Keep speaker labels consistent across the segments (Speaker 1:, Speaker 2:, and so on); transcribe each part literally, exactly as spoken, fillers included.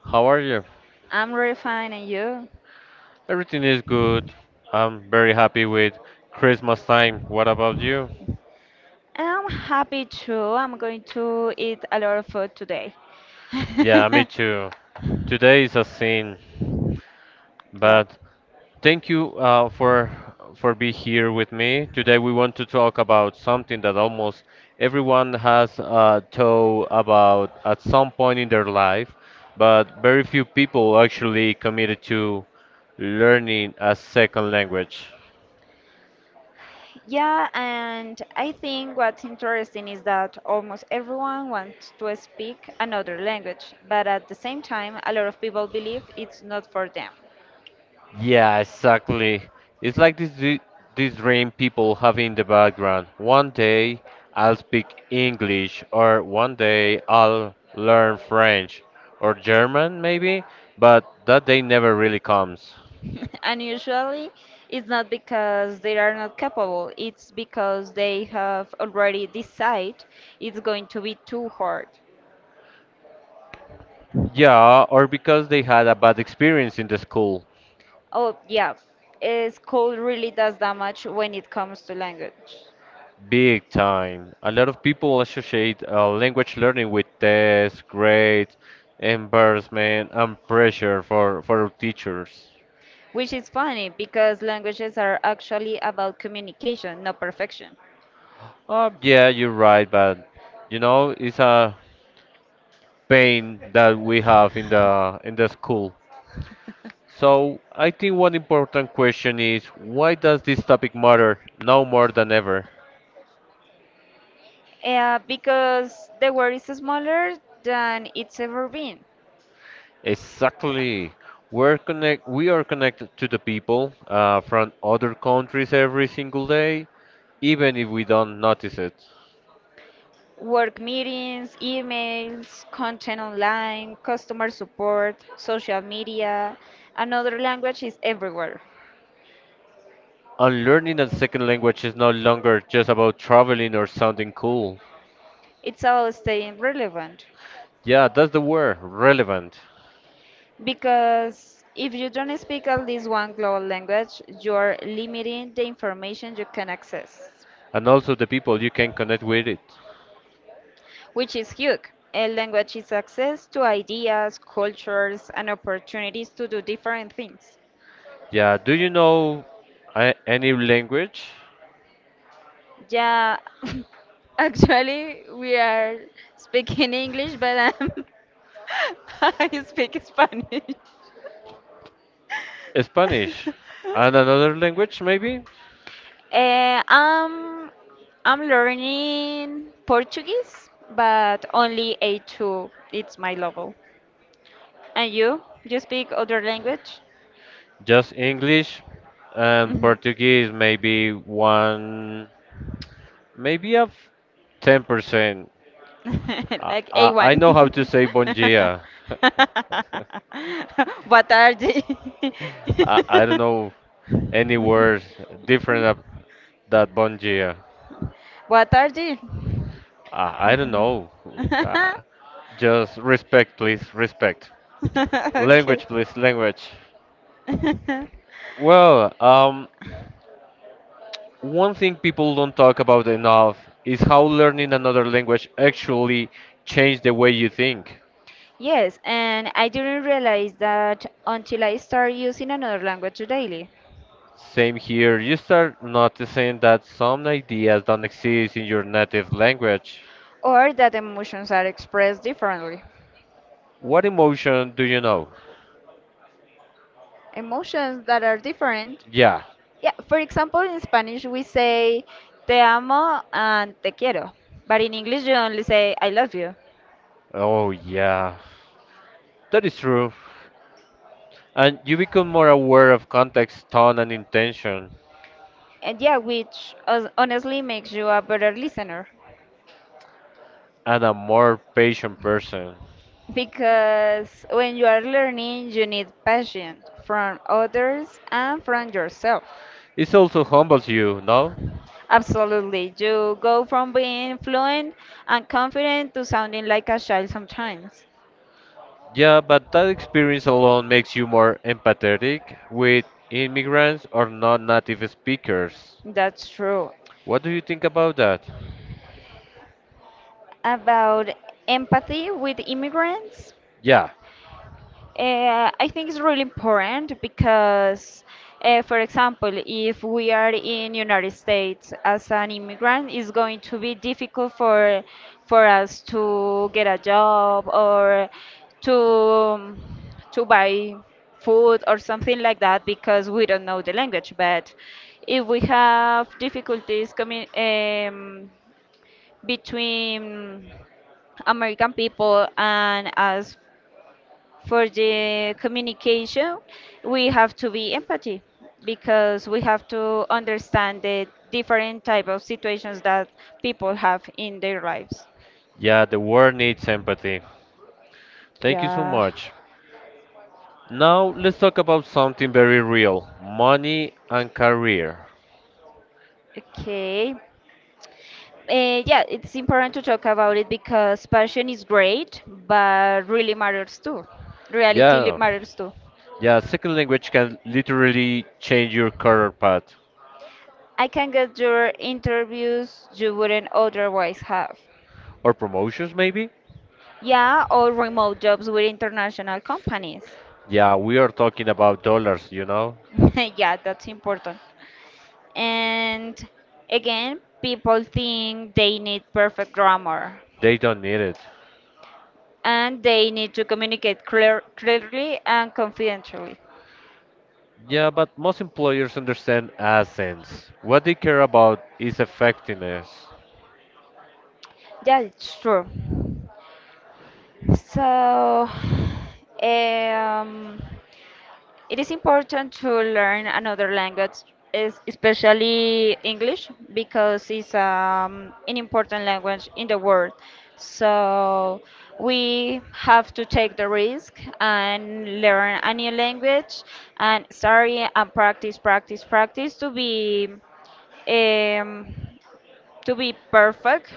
Speaker 1: How are you?
Speaker 2: I'm really fine, and you?
Speaker 1: Everything is good. I'm very happy with Christmas time. What about you?
Speaker 2: I'm happy too. I'm going to eat a lot of food today.
Speaker 1: Yeah, me too. Today is a sin,
Speaker 2: Yep.
Speaker 1: but thank you uh, for for being here with me. Today we want to talk about something that almost everyone has uh, thought about at some point in their life, but very few people actually committed to learning a second language.
Speaker 2: Yeah, and I think what's interesting is that almost everyone wants to speak another language, but at the same time, a lot of people believe it's not for them.
Speaker 1: Yeah, exactly. It's like this dr- this dream people have in the background. One day I'll speak English, or one day I'll learn French or German, maybe, but that day never really comes.
Speaker 2: And usually, it's not because they are not capable, it's because they have already decided it's going to be too hard.
Speaker 1: Yeah, or because they had a bad experience in the school.
Speaker 2: Oh, yeah. Uh, School really does damage when it comes to language.
Speaker 1: Big time. A lot of people associate uh, language learning with tests, grades, embarrassment, and pressure for, for teachers.
Speaker 2: Which is funny because languages are actually about communication, not perfection.
Speaker 1: Um, yeah, you're right, but you know, it's a pain that we have in the in the school. So I think one important question is why does this topic matter now more than ever?
Speaker 2: Uh, because the world is smaller than it's ever been.
Speaker 1: Exactly. We're connect we are connected to the people uh, from other countries every single day, even if we don't notice it.
Speaker 2: Work meetings, emails, content online, customer support, social media, another language is everywhere.
Speaker 1: And learning a second language is no longer just about traveling or sounding cool.
Speaker 2: It's about staying relevant.
Speaker 1: Yeah, that's the word, relevant.
Speaker 2: Because if you don't speak at least one global language, you're limiting the information you can access,
Speaker 1: And also the people you can connect with it.
Speaker 2: which is huge. A language is access to ideas, cultures, and opportunities to do different things.
Speaker 1: Yeah, do you know a- any language?
Speaker 2: Yeah, actually, we are speaking English, but I'm, I speak Spanish.
Speaker 1: Spanish and another language maybe?
Speaker 2: Uh, I'm I'm learning Portuguese, but only A two. It's my level. And you? You speak other language?
Speaker 1: Just English and
Speaker 2: Hmm.
Speaker 1: Portuguese maybe one maybe a f- ten percent. I,
Speaker 2: Like
Speaker 1: I, I
Speaker 2: A one.
Speaker 1: know how to say bom dia.
Speaker 2: Boa tarde.
Speaker 1: I, I don't know any word different of that bon dia.
Speaker 2: Boa tarde.
Speaker 1: I, I don't know. Uh, just respect, please. Respect. Language, please, language.
Speaker 2: okay.
Speaker 1: Well, um, one thing people don't talk about enough is how learning another language actually changed the way you think.
Speaker 2: Yes, and I didn't realize that until I started using another language daily,
Speaker 1: Same here, you start noticing that some ideas don't exist in your native language.
Speaker 2: or that emotions are expressed differently.
Speaker 1: What emotion do you know?
Speaker 2: Emotions that are different.
Speaker 1: Yeah.
Speaker 2: Yeah, for example, in Spanish we say te amo and te quiero, but in English you only say I love you.
Speaker 1: Oh, yeah. That is true. And you become more aware of context, tone, and intention,
Speaker 2: And yeah, which hos- honestly makes you a better listener.
Speaker 1: and a more patient person.
Speaker 2: Because when you are learning, you need passion from others and from yourself.
Speaker 1: It also humbles you, no?
Speaker 2: Absolutely. You go from being fluent and confident to sounding like a child sometimes.
Speaker 1: Yeah, but that experience alone makes you more empathetic with immigrants or non-native speakers.
Speaker 2: That's true.
Speaker 1: What do you think about that?
Speaker 2: About empathy with immigrants.
Speaker 1: Yeah,
Speaker 2: Uh, I think it's really important because, uh, for example, if we are in United States as an immigrant, it's going to be difficult for for us to get a job or to to buy food or something like that because we don't know the language. But if we have difficulties coming um, between American people and us for the communication, we have to be empathy because we have to understand the different type of situations that people have in their lives.
Speaker 1: yeah, the world needs empathy. Thank you so
Speaker 2: Yeah.
Speaker 1: much. Now let's talk about something very real, money and career.
Speaker 2: Okay. Uh, yeah, it's important to talk about it because passion is great, but really matters too. Reality li-
Speaker 1: Yeah,
Speaker 2: matters too.
Speaker 1: yeah, second language can literally change your career path
Speaker 2: I can get your interviews you wouldn't otherwise have.
Speaker 1: or promotions maybe.
Speaker 2: Yeah, or remote jobs with international companies.
Speaker 1: Yeah, we are talking about dollars, you know.
Speaker 2: Yeah, that's important. And again, people think they need perfect grammar
Speaker 1: They don't need it.
Speaker 2: and they need to communicate clear, clearly and confidently.
Speaker 1: Yeah, but most employers understand accents. What they care about is effectiveness.
Speaker 2: Yeah, it's true. So, um, it is important to learn another language, es- especially English, because it's um, an important language in the world. So we have to take the risk and learn a new language and sorry and practice, practice, practice to be um, to be perfect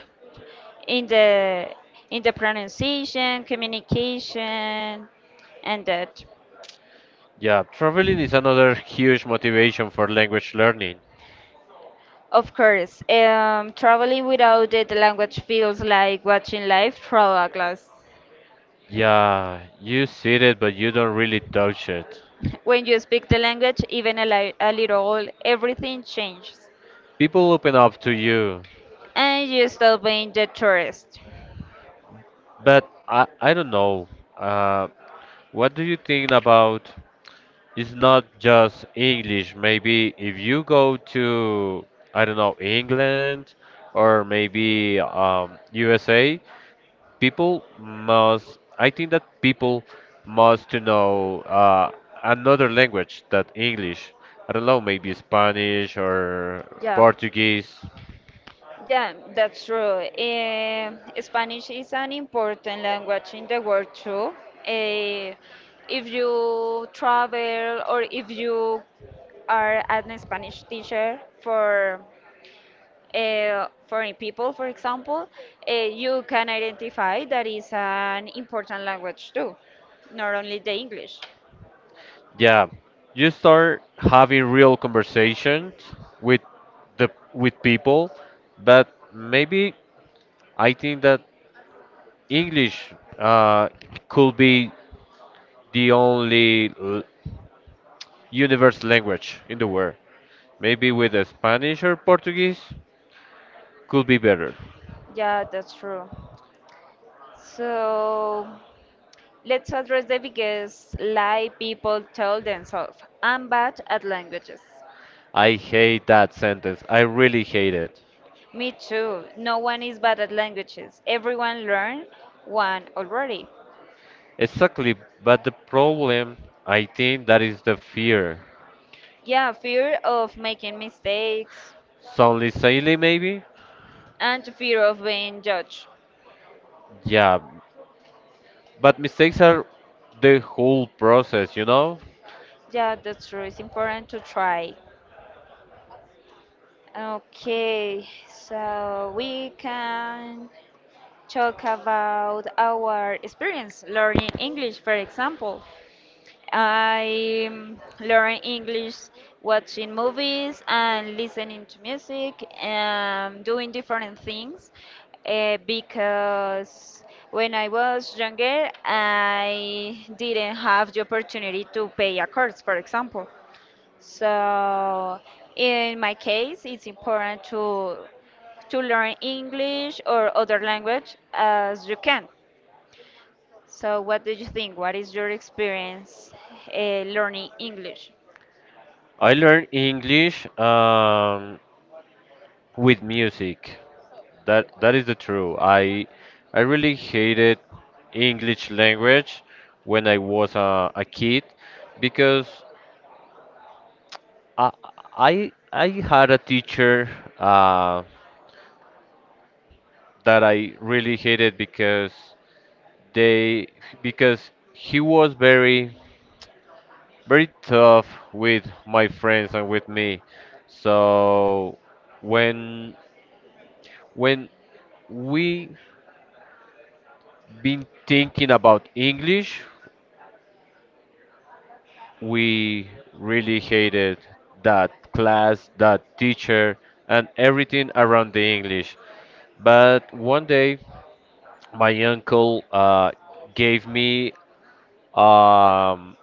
Speaker 2: in the in the pronunciation, communication, and that.
Speaker 1: Yeah, traveling is another huge motivation for language learning.
Speaker 2: Of course, um, traveling without the the language feels like watching life through a glass.
Speaker 1: Yeah, you see it, but you don't really touch it.
Speaker 2: When you speak the language, even a, li- a little, everything changes.
Speaker 1: People open up to you,
Speaker 2: And you stop being the tourist.
Speaker 1: but I, I don't know. Uh, what do you think about? It's not just English. Maybe if you go to, I don't know, England or maybe um, U S A, people must I think that people must to know uh, another language than English. I don't know, maybe Spanish or
Speaker 2: Yeah.
Speaker 1: Portuguese.
Speaker 2: Yeah, that's true. Eh, Spanish is an important language in the world too. Eh, if you travel or if you are an Spanish teacher for uh, foreign people, for example, uh, you can identify that is an important language too, not only the English.
Speaker 1: Yeah, you start having real conversations with the with people, but maybe I think that English uh, could be the only l- universal language in the world. Maybe with a Spanish or Portuguese could be better.
Speaker 2: Yeah, that's true. So let's address the biggest lie people tell themselves. I'm bad at languages.
Speaker 1: I hate that sentence. I really hate it.
Speaker 2: Me too. No one is bad at languages. Everyone learned one already.
Speaker 1: Exactly, but the problem, I think that is the fear.
Speaker 2: Yeah, fear of making mistakes
Speaker 1: Soundly silly, maybe?
Speaker 2: and fear of being judged.
Speaker 1: Yeah, but mistakes are the whole process, you know?
Speaker 2: Yeah, that's true. It's important to try. Okay, so we can talk about our experience learning English, for example. I um, learn English watching movies and listening to music and doing different things uh, because when I was younger, I didn't have the opportunity to pay a course, for example. So in my case, it's important to to learn English or other language as you can. So what do you think? What is your experience uh, learning English?
Speaker 1: I learned English um, with music. That that is the true. I I really hated English language when I was a, a kid because I I I had a teacher uh, that I really hated because they because he was very very tough with my friends and with me. So when when we been thinking about English, we really hated that class, that teacher, and everything around the English. But one day my uncle uh, gave me, um,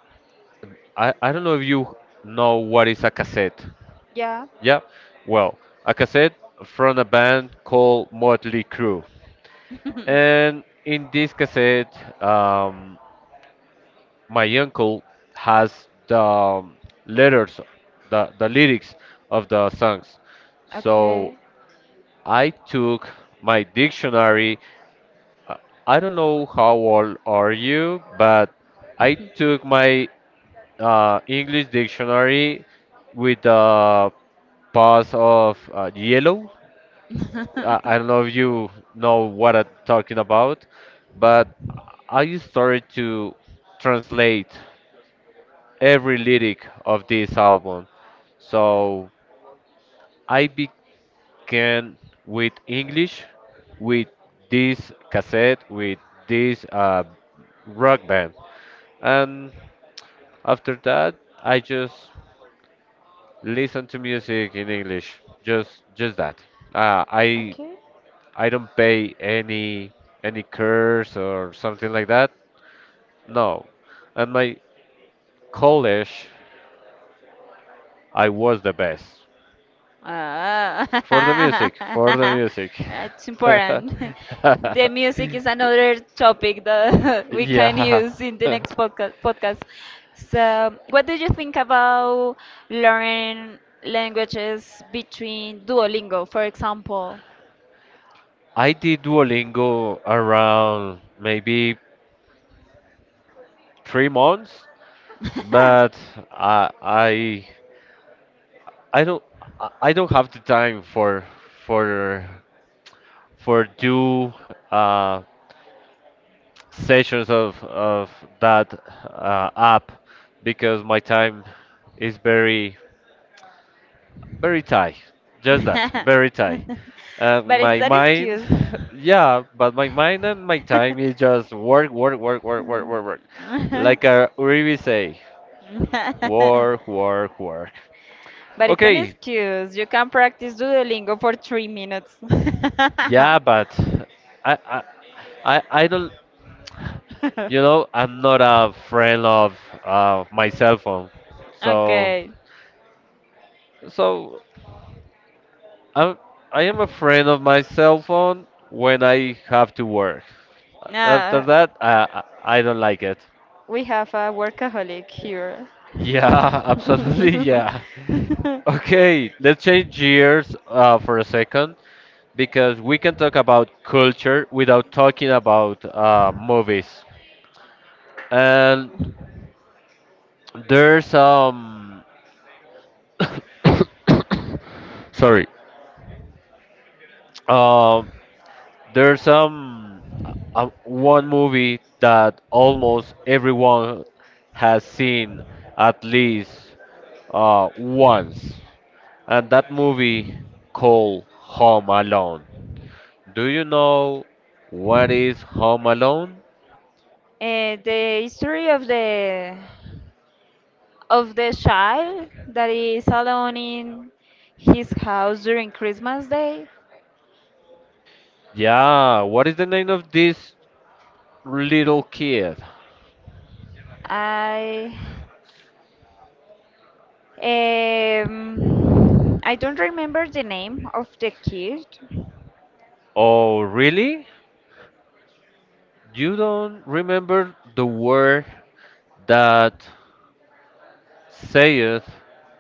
Speaker 1: I, I don't know if you know what is a cassette.
Speaker 2: Yeah.
Speaker 1: Yeah well, a cassette from a band called Motley Crew, and in this cassette, um, my uncle has the, um, letters, the, the lyrics of the songs. So
Speaker 2: Okay.
Speaker 1: I took my dictionary, I don't know how old are you, but I took my uh, English dictionary with the path of uh, yellow. I, I don't know if you know what I'm talking about, but I started to translate every lyric of this album. So I began with English, with this cassette, with this uh, rock band. And after that, I just listen to music in English. Just just that. Uh, I
Speaker 2: Okay.
Speaker 1: I don't pay any any curse or something like that. No. At my college, I was the best
Speaker 2: Ah,
Speaker 1: for the music. For the music.
Speaker 2: it's important. The music is another topic that we can
Speaker 1: yeah.
Speaker 2: use in the next podca- podcast. So, what do you think about learning languages between Duolingo, for example?
Speaker 1: I did Duolingo around maybe three months, but I I I don't I I don't have the time for for for do uh, sessions of of that uh, app because my time is very very tight. Just that, very tight. And
Speaker 2: But it's
Speaker 1: my
Speaker 2: an
Speaker 1: mind,
Speaker 2: excuse.
Speaker 1: yeah, but my mind and my time is just work, work, work, work, work, work, work. Like a Uribe say, work, work, work.
Speaker 2: But it's an
Speaker 1: Okay,
Speaker 2: excuse. You can practice Duolingo for three minutes.
Speaker 1: yeah, but I, I, I, I don't. You know, I'm not a friend of uh, my cell phone. So,
Speaker 2: Okay.
Speaker 1: so I'm, I am a friend of my cell phone when I have to work. After
Speaker 2: Now
Speaker 1: that, I, I I don't like it.
Speaker 2: we have a workaholic here.
Speaker 1: Yeah, absolutely, yeah. Okay, let's change gears uh, for a second because we can talk about culture without talking about uh, movies. And There's um sorry. Um there's um uh, one movie that almost everyone has seen at least uh once. And that movie called Home Alone. Do you know what is Home Alone?
Speaker 2: Eh, the history of the of the child that is alone in his house during Christmas Day.
Speaker 1: Yeah, what is the name of this little kid?
Speaker 2: I Um, I don't remember the name of the kid.
Speaker 1: Oh, really? You don't remember the word that say it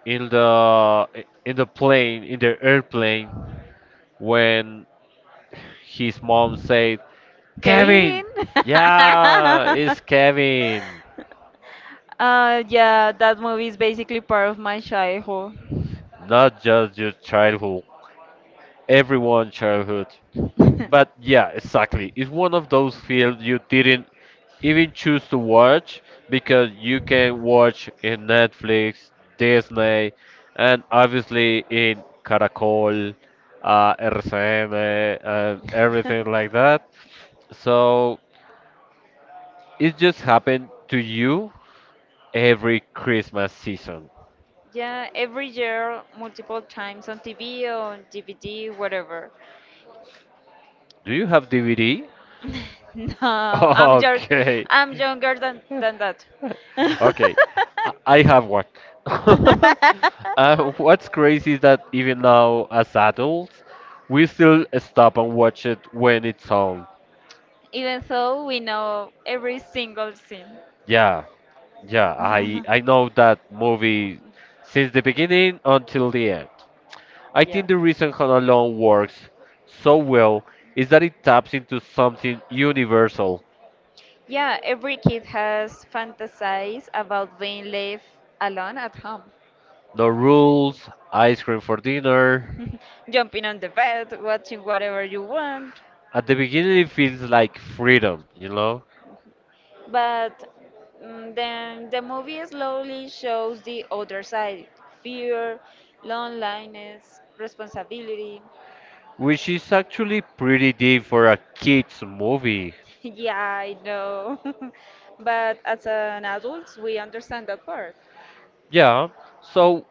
Speaker 1: in the in the plane, in the airplane, when his mom said Kevin?
Speaker 2: Kevin?
Speaker 1: Yeah, it's Kevin.
Speaker 2: Uh, yeah, that movie is basically part of my childhood.
Speaker 1: Not just your childhood, everyone childhood. But yeah, exactly. It's one of those films you didn't even choose to watch because you can watch in Netflix, Disney, and obviously in Caracol, uh, R C N, and everything like that. So it just happened to you every Christmas season.
Speaker 2: Yeah, every year, multiple times on T V, on D V D, whatever.
Speaker 1: Do you have D V D?
Speaker 2: No, I'm young,
Speaker 1: Okay.
Speaker 2: I'm younger than than that.
Speaker 1: Okay, I I have one. uh, what's crazy is that even now, as adults, we still stop and watch it when it's on.
Speaker 2: Even though we know every single scene.
Speaker 1: Yeah, yeah, I I know that movie since the beginning until the end. I
Speaker 2: Yeah.
Speaker 1: think the reason Home Alone works so well is that it taps into something universal.
Speaker 2: Yeah, every kid has fantasized about being left alone at home,
Speaker 1: No rules, ice cream for dinner.
Speaker 2: jumping on the bed, watching whatever you want.
Speaker 1: At the beginning, it feels like freedom, you know,
Speaker 2: But mm, then the movie slowly shows the other side: fear, loneliness, responsibility.
Speaker 1: which is actually pretty deep for a kids movie.
Speaker 2: Yeah, I know. But as an adult, we understand that part.
Speaker 1: Yeah. So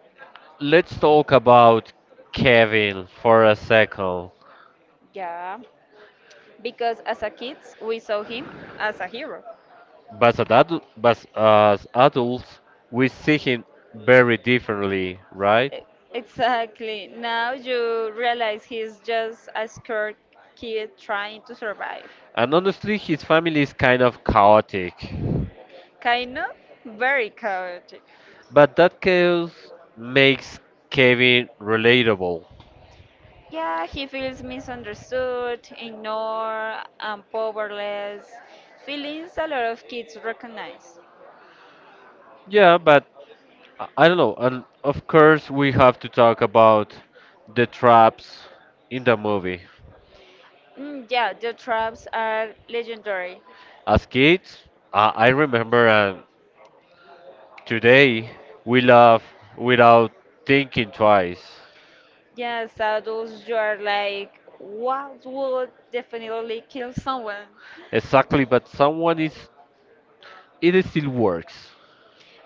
Speaker 1: let's talk about Kevin for a second.
Speaker 2: Yeah, because as a kids, we saw him as a hero.
Speaker 1: But as, adu- but as adults, we see him very differently, right?
Speaker 2: E- Exactly. Now you realize he's just a scared kid trying to survive.
Speaker 1: And honestly, his family is kind of chaotic.
Speaker 2: Kind of very chaotic.
Speaker 1: But that chaos makes Kevin relatable.
Speaker 2: Yeah, he feels misunderstood, ignored, and powerless. Feelings a lot of kids recognize.
Speaker 1: Yeah, but I I don't know. And of course, we have to talk about the traps in the movie.
Speaker 2: Mm, yeah, the traps are legendary.
Speaker 1: As kids, I I remember, and today we laugh without thinking twice.
Speaker 2: Yes, adults, you are like, what would definitely kill someone?
Speaker 1: Exactly, but someone is. It is still works.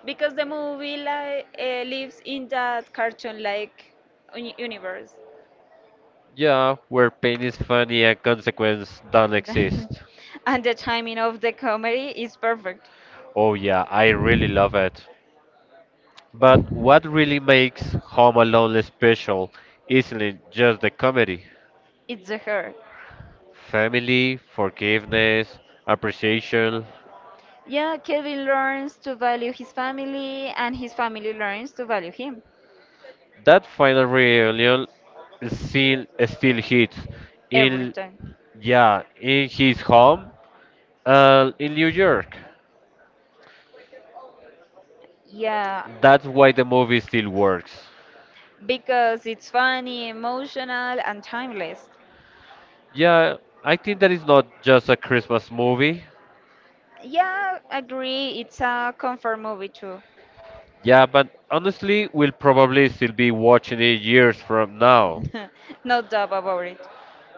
Speaker 2: Because the movie like uh, lives in that cartoon like uni- universe.
Speaker 1: Yeah, where pain is funny and consequence don't exist.
Speaker 2: And the timing of the comedy is perfect.
Speaker 1: Oh yeah, I really love it. But what really makes Home Alone special isn't just the comedy?
Speaker 2: It's the her.
Speaker 1: Family, forgiveness, appreciation.
Speaker 2: Yeah, Kevin learns to value his family, and his family learns to value him.
Speaker 1: That final reunion still still hits
Speaker 2: Every
Speaker 1: in,
Speaker 2: time.
Speaker 1: yeah, in his home, uh, in New York.
Speaker 2: Yeah,
Speaker 1: That's why the movie still works.
Speaker 2: because it's funny, emotional, and timeless.
Speaker 1: Yeah, I think that is not just a Christmas movie.
Speaker 2: Yeah, agree. It's a comfort movie too.
Speaker 1: Yeah, but honestly, we'll probably still be watching it years from now.
Speaker 2: No doubt about it.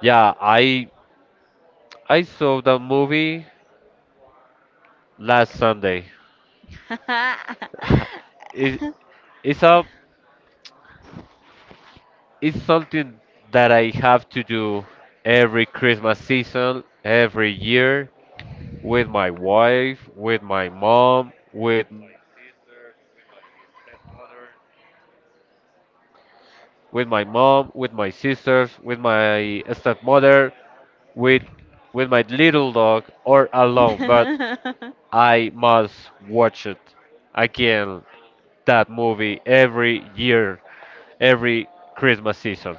Speaker 1: Yeah, I I saw the movie last Sunday. It, it's a, it's something that I have to do every Christmas season, every year with my wife, with my mom, with with my mom, with my sisters, with my stepmother, with with my little dog or alone, but I must watch it again that movie every year, every Christmas season.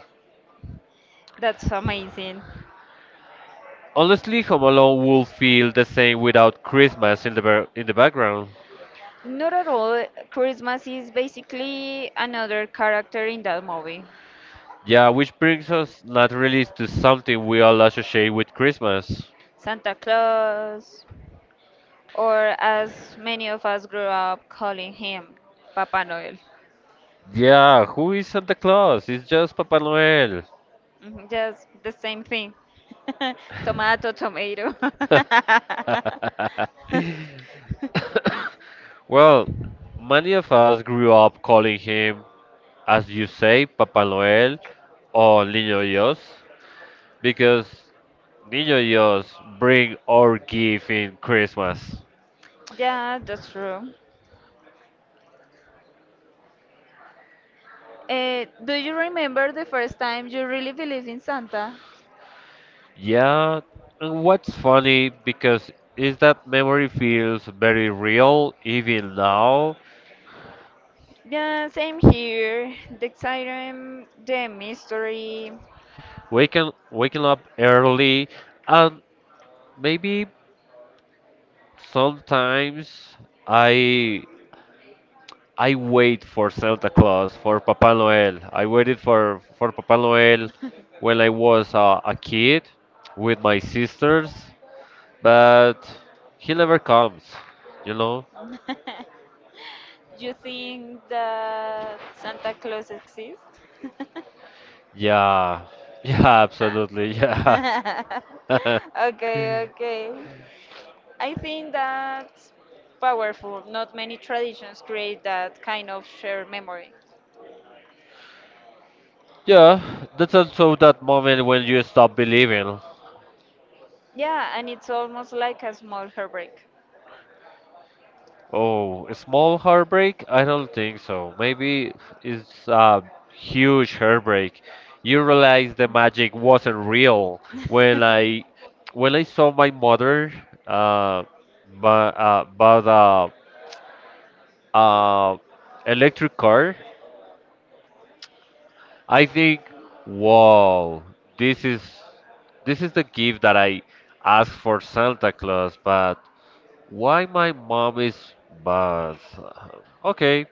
Speaker 2: That's amazing.
Speaker 1: Honestly, Home Alone will feel the same without Christmas in the bar- in the background.
Speaker 2: Not at all. Christmas is basically another character in that movie.
Speaker 1: Yeah, which brings us naturally to something we all associate with Christmas.
Speaker 2: Santa Claus, or as many of us grew up calling him, Papa Noel.
Speaker 1: Yeah, who is Santa Claus? It's just Papa Noel.
Speaker 2: Mhm. Just the same thing. Tomato, tomato.
Speaker 1: Well, many of us grew up calling him, as you say, Papa Noel or Niño Dios, because Niño Dios bring our gift in Christmas.
Speaker 2: Yeah, that's true. Uh, do you remember the first time you really believed in Santa?
Speaker 1: Yeah, and what's funny because is that memory feels very real even now.
Speaker 2: Yeah, same here. The excitement, the mystery.
Speaker 1: Waking waking up early, and maybe sometimes I I wait for Santa Claus, for Papa Noel. I waited for for Papa Noel when I was uh, a kid with my sisters, but he never comes, you know.
Speaker 2: You think that Santa Claus exists?
Speaker 1: Yeah, yeah, absolutely, yeah.
Speaker 2: Okay, okay. I think that's powerful. Not many traditions create that kind of shared memory.
Speaker 1: Yeah, that's also that moment when you stop believing.
Speaker 2: Yeah, and it's almost like a small heartbreak.
Speaker 1: Oh, a small heartbreak? I don't think so. Maybe it's a huge heartbreak. You realize the magic wasn't real when I when I saw my mother, uh but uh, bought a uh electric car, I think. Wow, this is, this is the gift that I asked for Santa Claus, but why my mom is bad? Okay,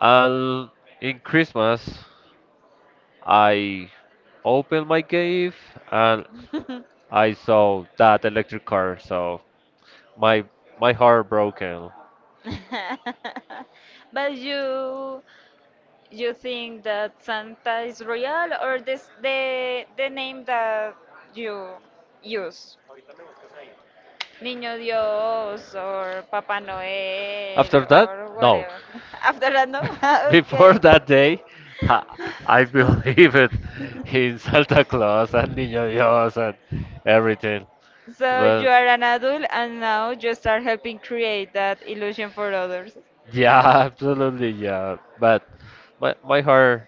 Speaker 1: I'll in Christmas I opened my gift, and I saw that electric car. So my my heart broken.
Speaker 2: but you You think that Santa is real, or this the the name that you use? Niño Dios or Papa Noel
Speaker 1: After that,
Speaker 2: or
Speaker 1: no.
Speaker 2: whatever. After that, no?
Speaker 1: Before
Speaker 2: Okay.
Speaker 1: that day, ha- I believed in Santa Claus and Niño Dios and everything.
Speaker 2: So you
Speaker 1: But
Speaker 2: are an adult and now you start helping create that illusion for others.
Speaker 1: yeah, absolutely, yeah. But my my heart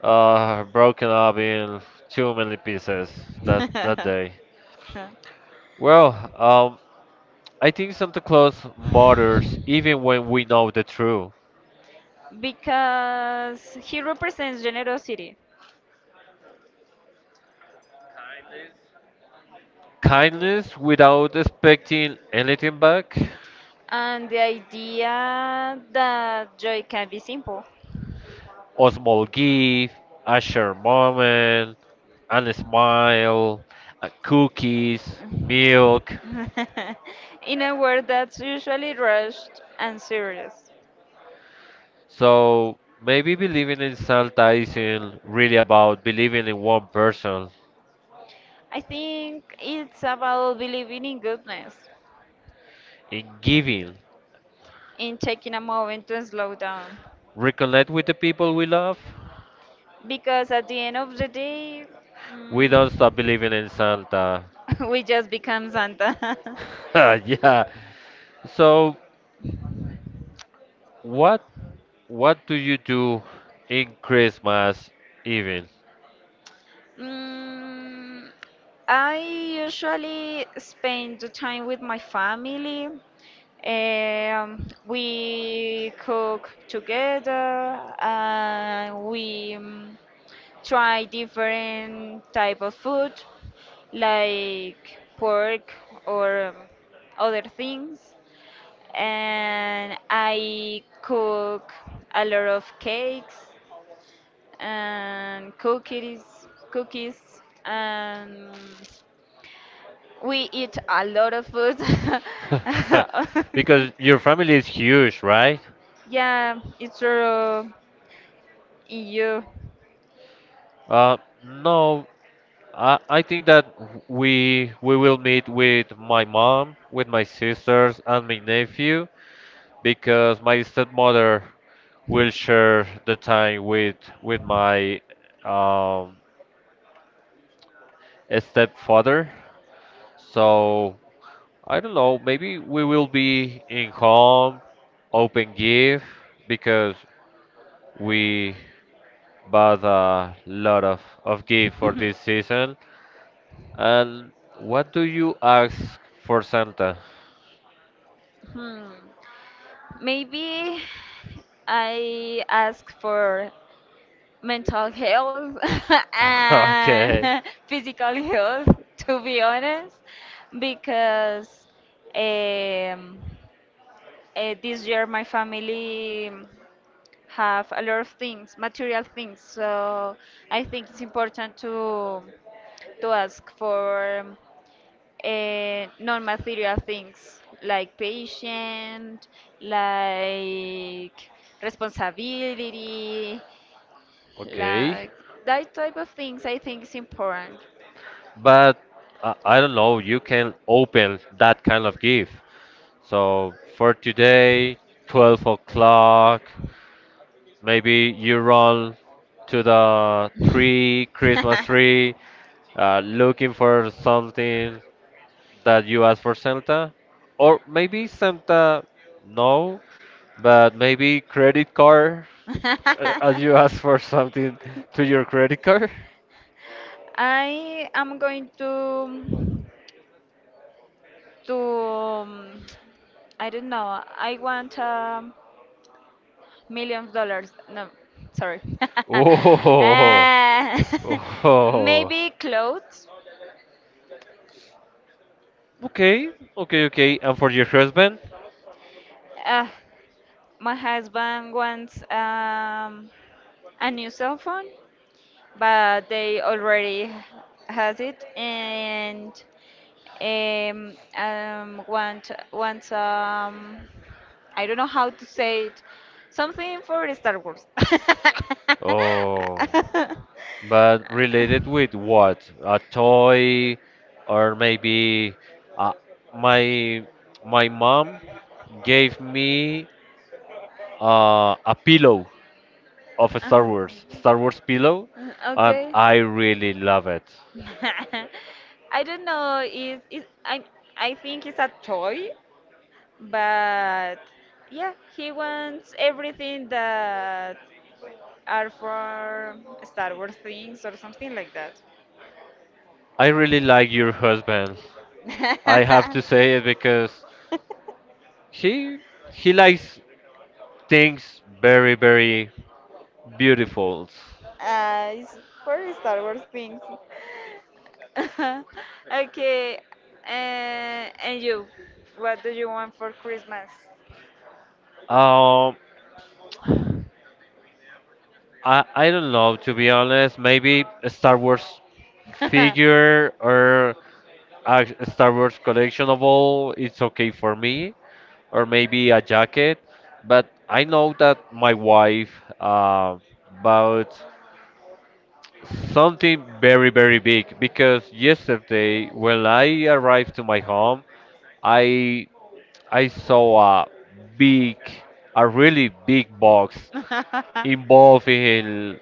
Speaker 1: uh broken up in too many pieces that that day. Well, um, I think Santa Claus matters even when we know the truth.
Speaker 2: Because he represents generosity.
Speaker 1: Kindness without expecting anything back.
Speaker 2: And the idea that joy can be simple.
Speaker 1: A small gift, a shared moment, and a smile, uh, cookies, milk.
Speaker 2: In a world that's usually rushed and serious.
Speaker 1: So maybe believing in Santa isn't really about believing in one person,
Speaker 2: I think it's about believing in goodness,
Speaker 1: in giving.
Speaker 2: in taking a moment to slow down.
Speaker 1: Reconnect with the people we love.
Speaker 2: Because at the end of the day,
Speaker 1: We don't stop believing
Speaker 2: mm,
Speaker 1: in Santa.
Speaker 2: we just become Santa.
Speaker 1: Yeah. So what what do you do in Christmas evening?
Speaker 2: Mm, I usually spend the time with my family. Um, we cook together and we um, try different type of food like pork or um, other things. And I cook a lot of cakes and cookies, cookies, and we eat a lot of food.
Speaker 1: Because your family is huge, right?
Speaker 2: Yeah, it's true. In you.
Speaker 1: Uh, no, I, I think that we we will meet with my mom, with my sisters, and my nephew, because my stepmother will share the time with with my, um, stepfather. So I don't know, maybe we will be in home, open gift because we, but a lot of, of gift for this season. And what do you ask for Santa?
Speaker 2: Hmm. Maybe I ask for mental health
Speaker 1: Okay,
Speaker 2: and physical health, to be honest, because um, uh, this year my family have a lot of things, material things. So I think it's important to to ask for uh, non-material things like patience, like responsibility,
Speaker 1: okay.
Speaker 2: like that type of things I think is important.
Speaker 1: But I, I don't know, you can open that kind of gift. So for today, twelve o'clock, maybe you run to the tree, Christmas tree, uh, looking for something that you ask for Santa, or maybe Santa, no, but maybe credit card, uh, as you ask for something to your credit card.
Speaker 2: I am going to to um, I don't know. I want um, million dollars. No, sorry.
Speaker 1: Oh,
Speaker 2: uh,
Speaker 1: oh,
Speaker 2: maybe clothes.
Speaker 1: okay, okay, okay. And for your husband?
Speaker 2: Uh, My husband wants um, a new cell phone, but they already h- has it, and um, um, want wants um, I don't know how to say it, something for Star Wars.
Speaker 1: Oh, but related with what? A toy, or maybe uh, my my mom gave me uh, a pillow of a Star
Speaker 2: Uh-huh.
Speaker 1: Wars, Star Wars pillow,
Speaker 2: Uh,
Speaker 1: and
Speaker 2: Okay.
Speaker 1: I really love it.
Speaker 2: I don't know. Is is I I think it's a toy, but yeah, he wants everything that are for Star Wars things or something like that.
Speaker 1: I really like your husband. I have to say it because he he likes things very very beautiful.
Speaker 2: Uh, it's for Star Wars things. Okay. Uh, and you, what do you want for Christmas?
Speaker 1: Um, I I don't know, to be honest. Maybe a Star Wars figure or a Star Wars collectionable, it's okay for me, or maybe a jacket. But I know that my wife uh, bought something very, very big because yesterday when I arrived to my home, I I saw a big, a really big box involved in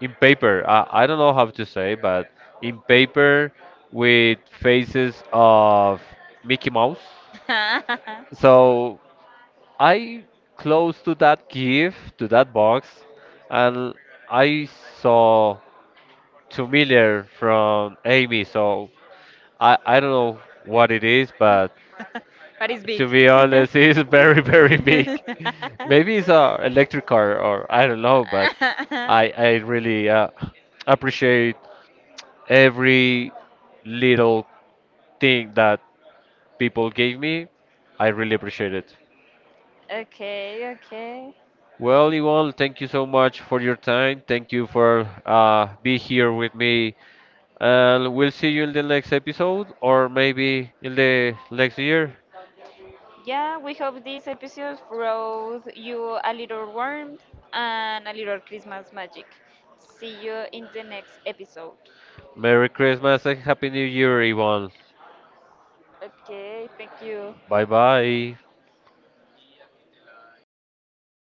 Speaker 1: in paper. I, I don't know how to say, but in paper with faces of Mickey Mouse. So I close to that gift, to that box, and I saw two million from Amy. So I I don't know what it is, but
Speaker 2: But it's
Speaker 1: to
Speaker 2: big.
Speaker 1: be honest, it's very very big. Maybe it's a electric car or I don't know, but I I really uh, appreciate every little thing that people gave me. I really appreciate it.
Speaker 2: Okay, okay.
Speaker 1: Well, Ivan, thank you so much for your time. Thank you for uh, be here with me. And we'll see you in the next episode, or maybe in the next year.
Speaker 2: Yeah, we hope this episode brought you a little warmth and a little Christmas magic. See you in the next episode.
Speaker 1: Merry Christmas and Happy New Year, Ivan.
Speaker 2: Okay, thank you.
Speaker 1: Bye bye.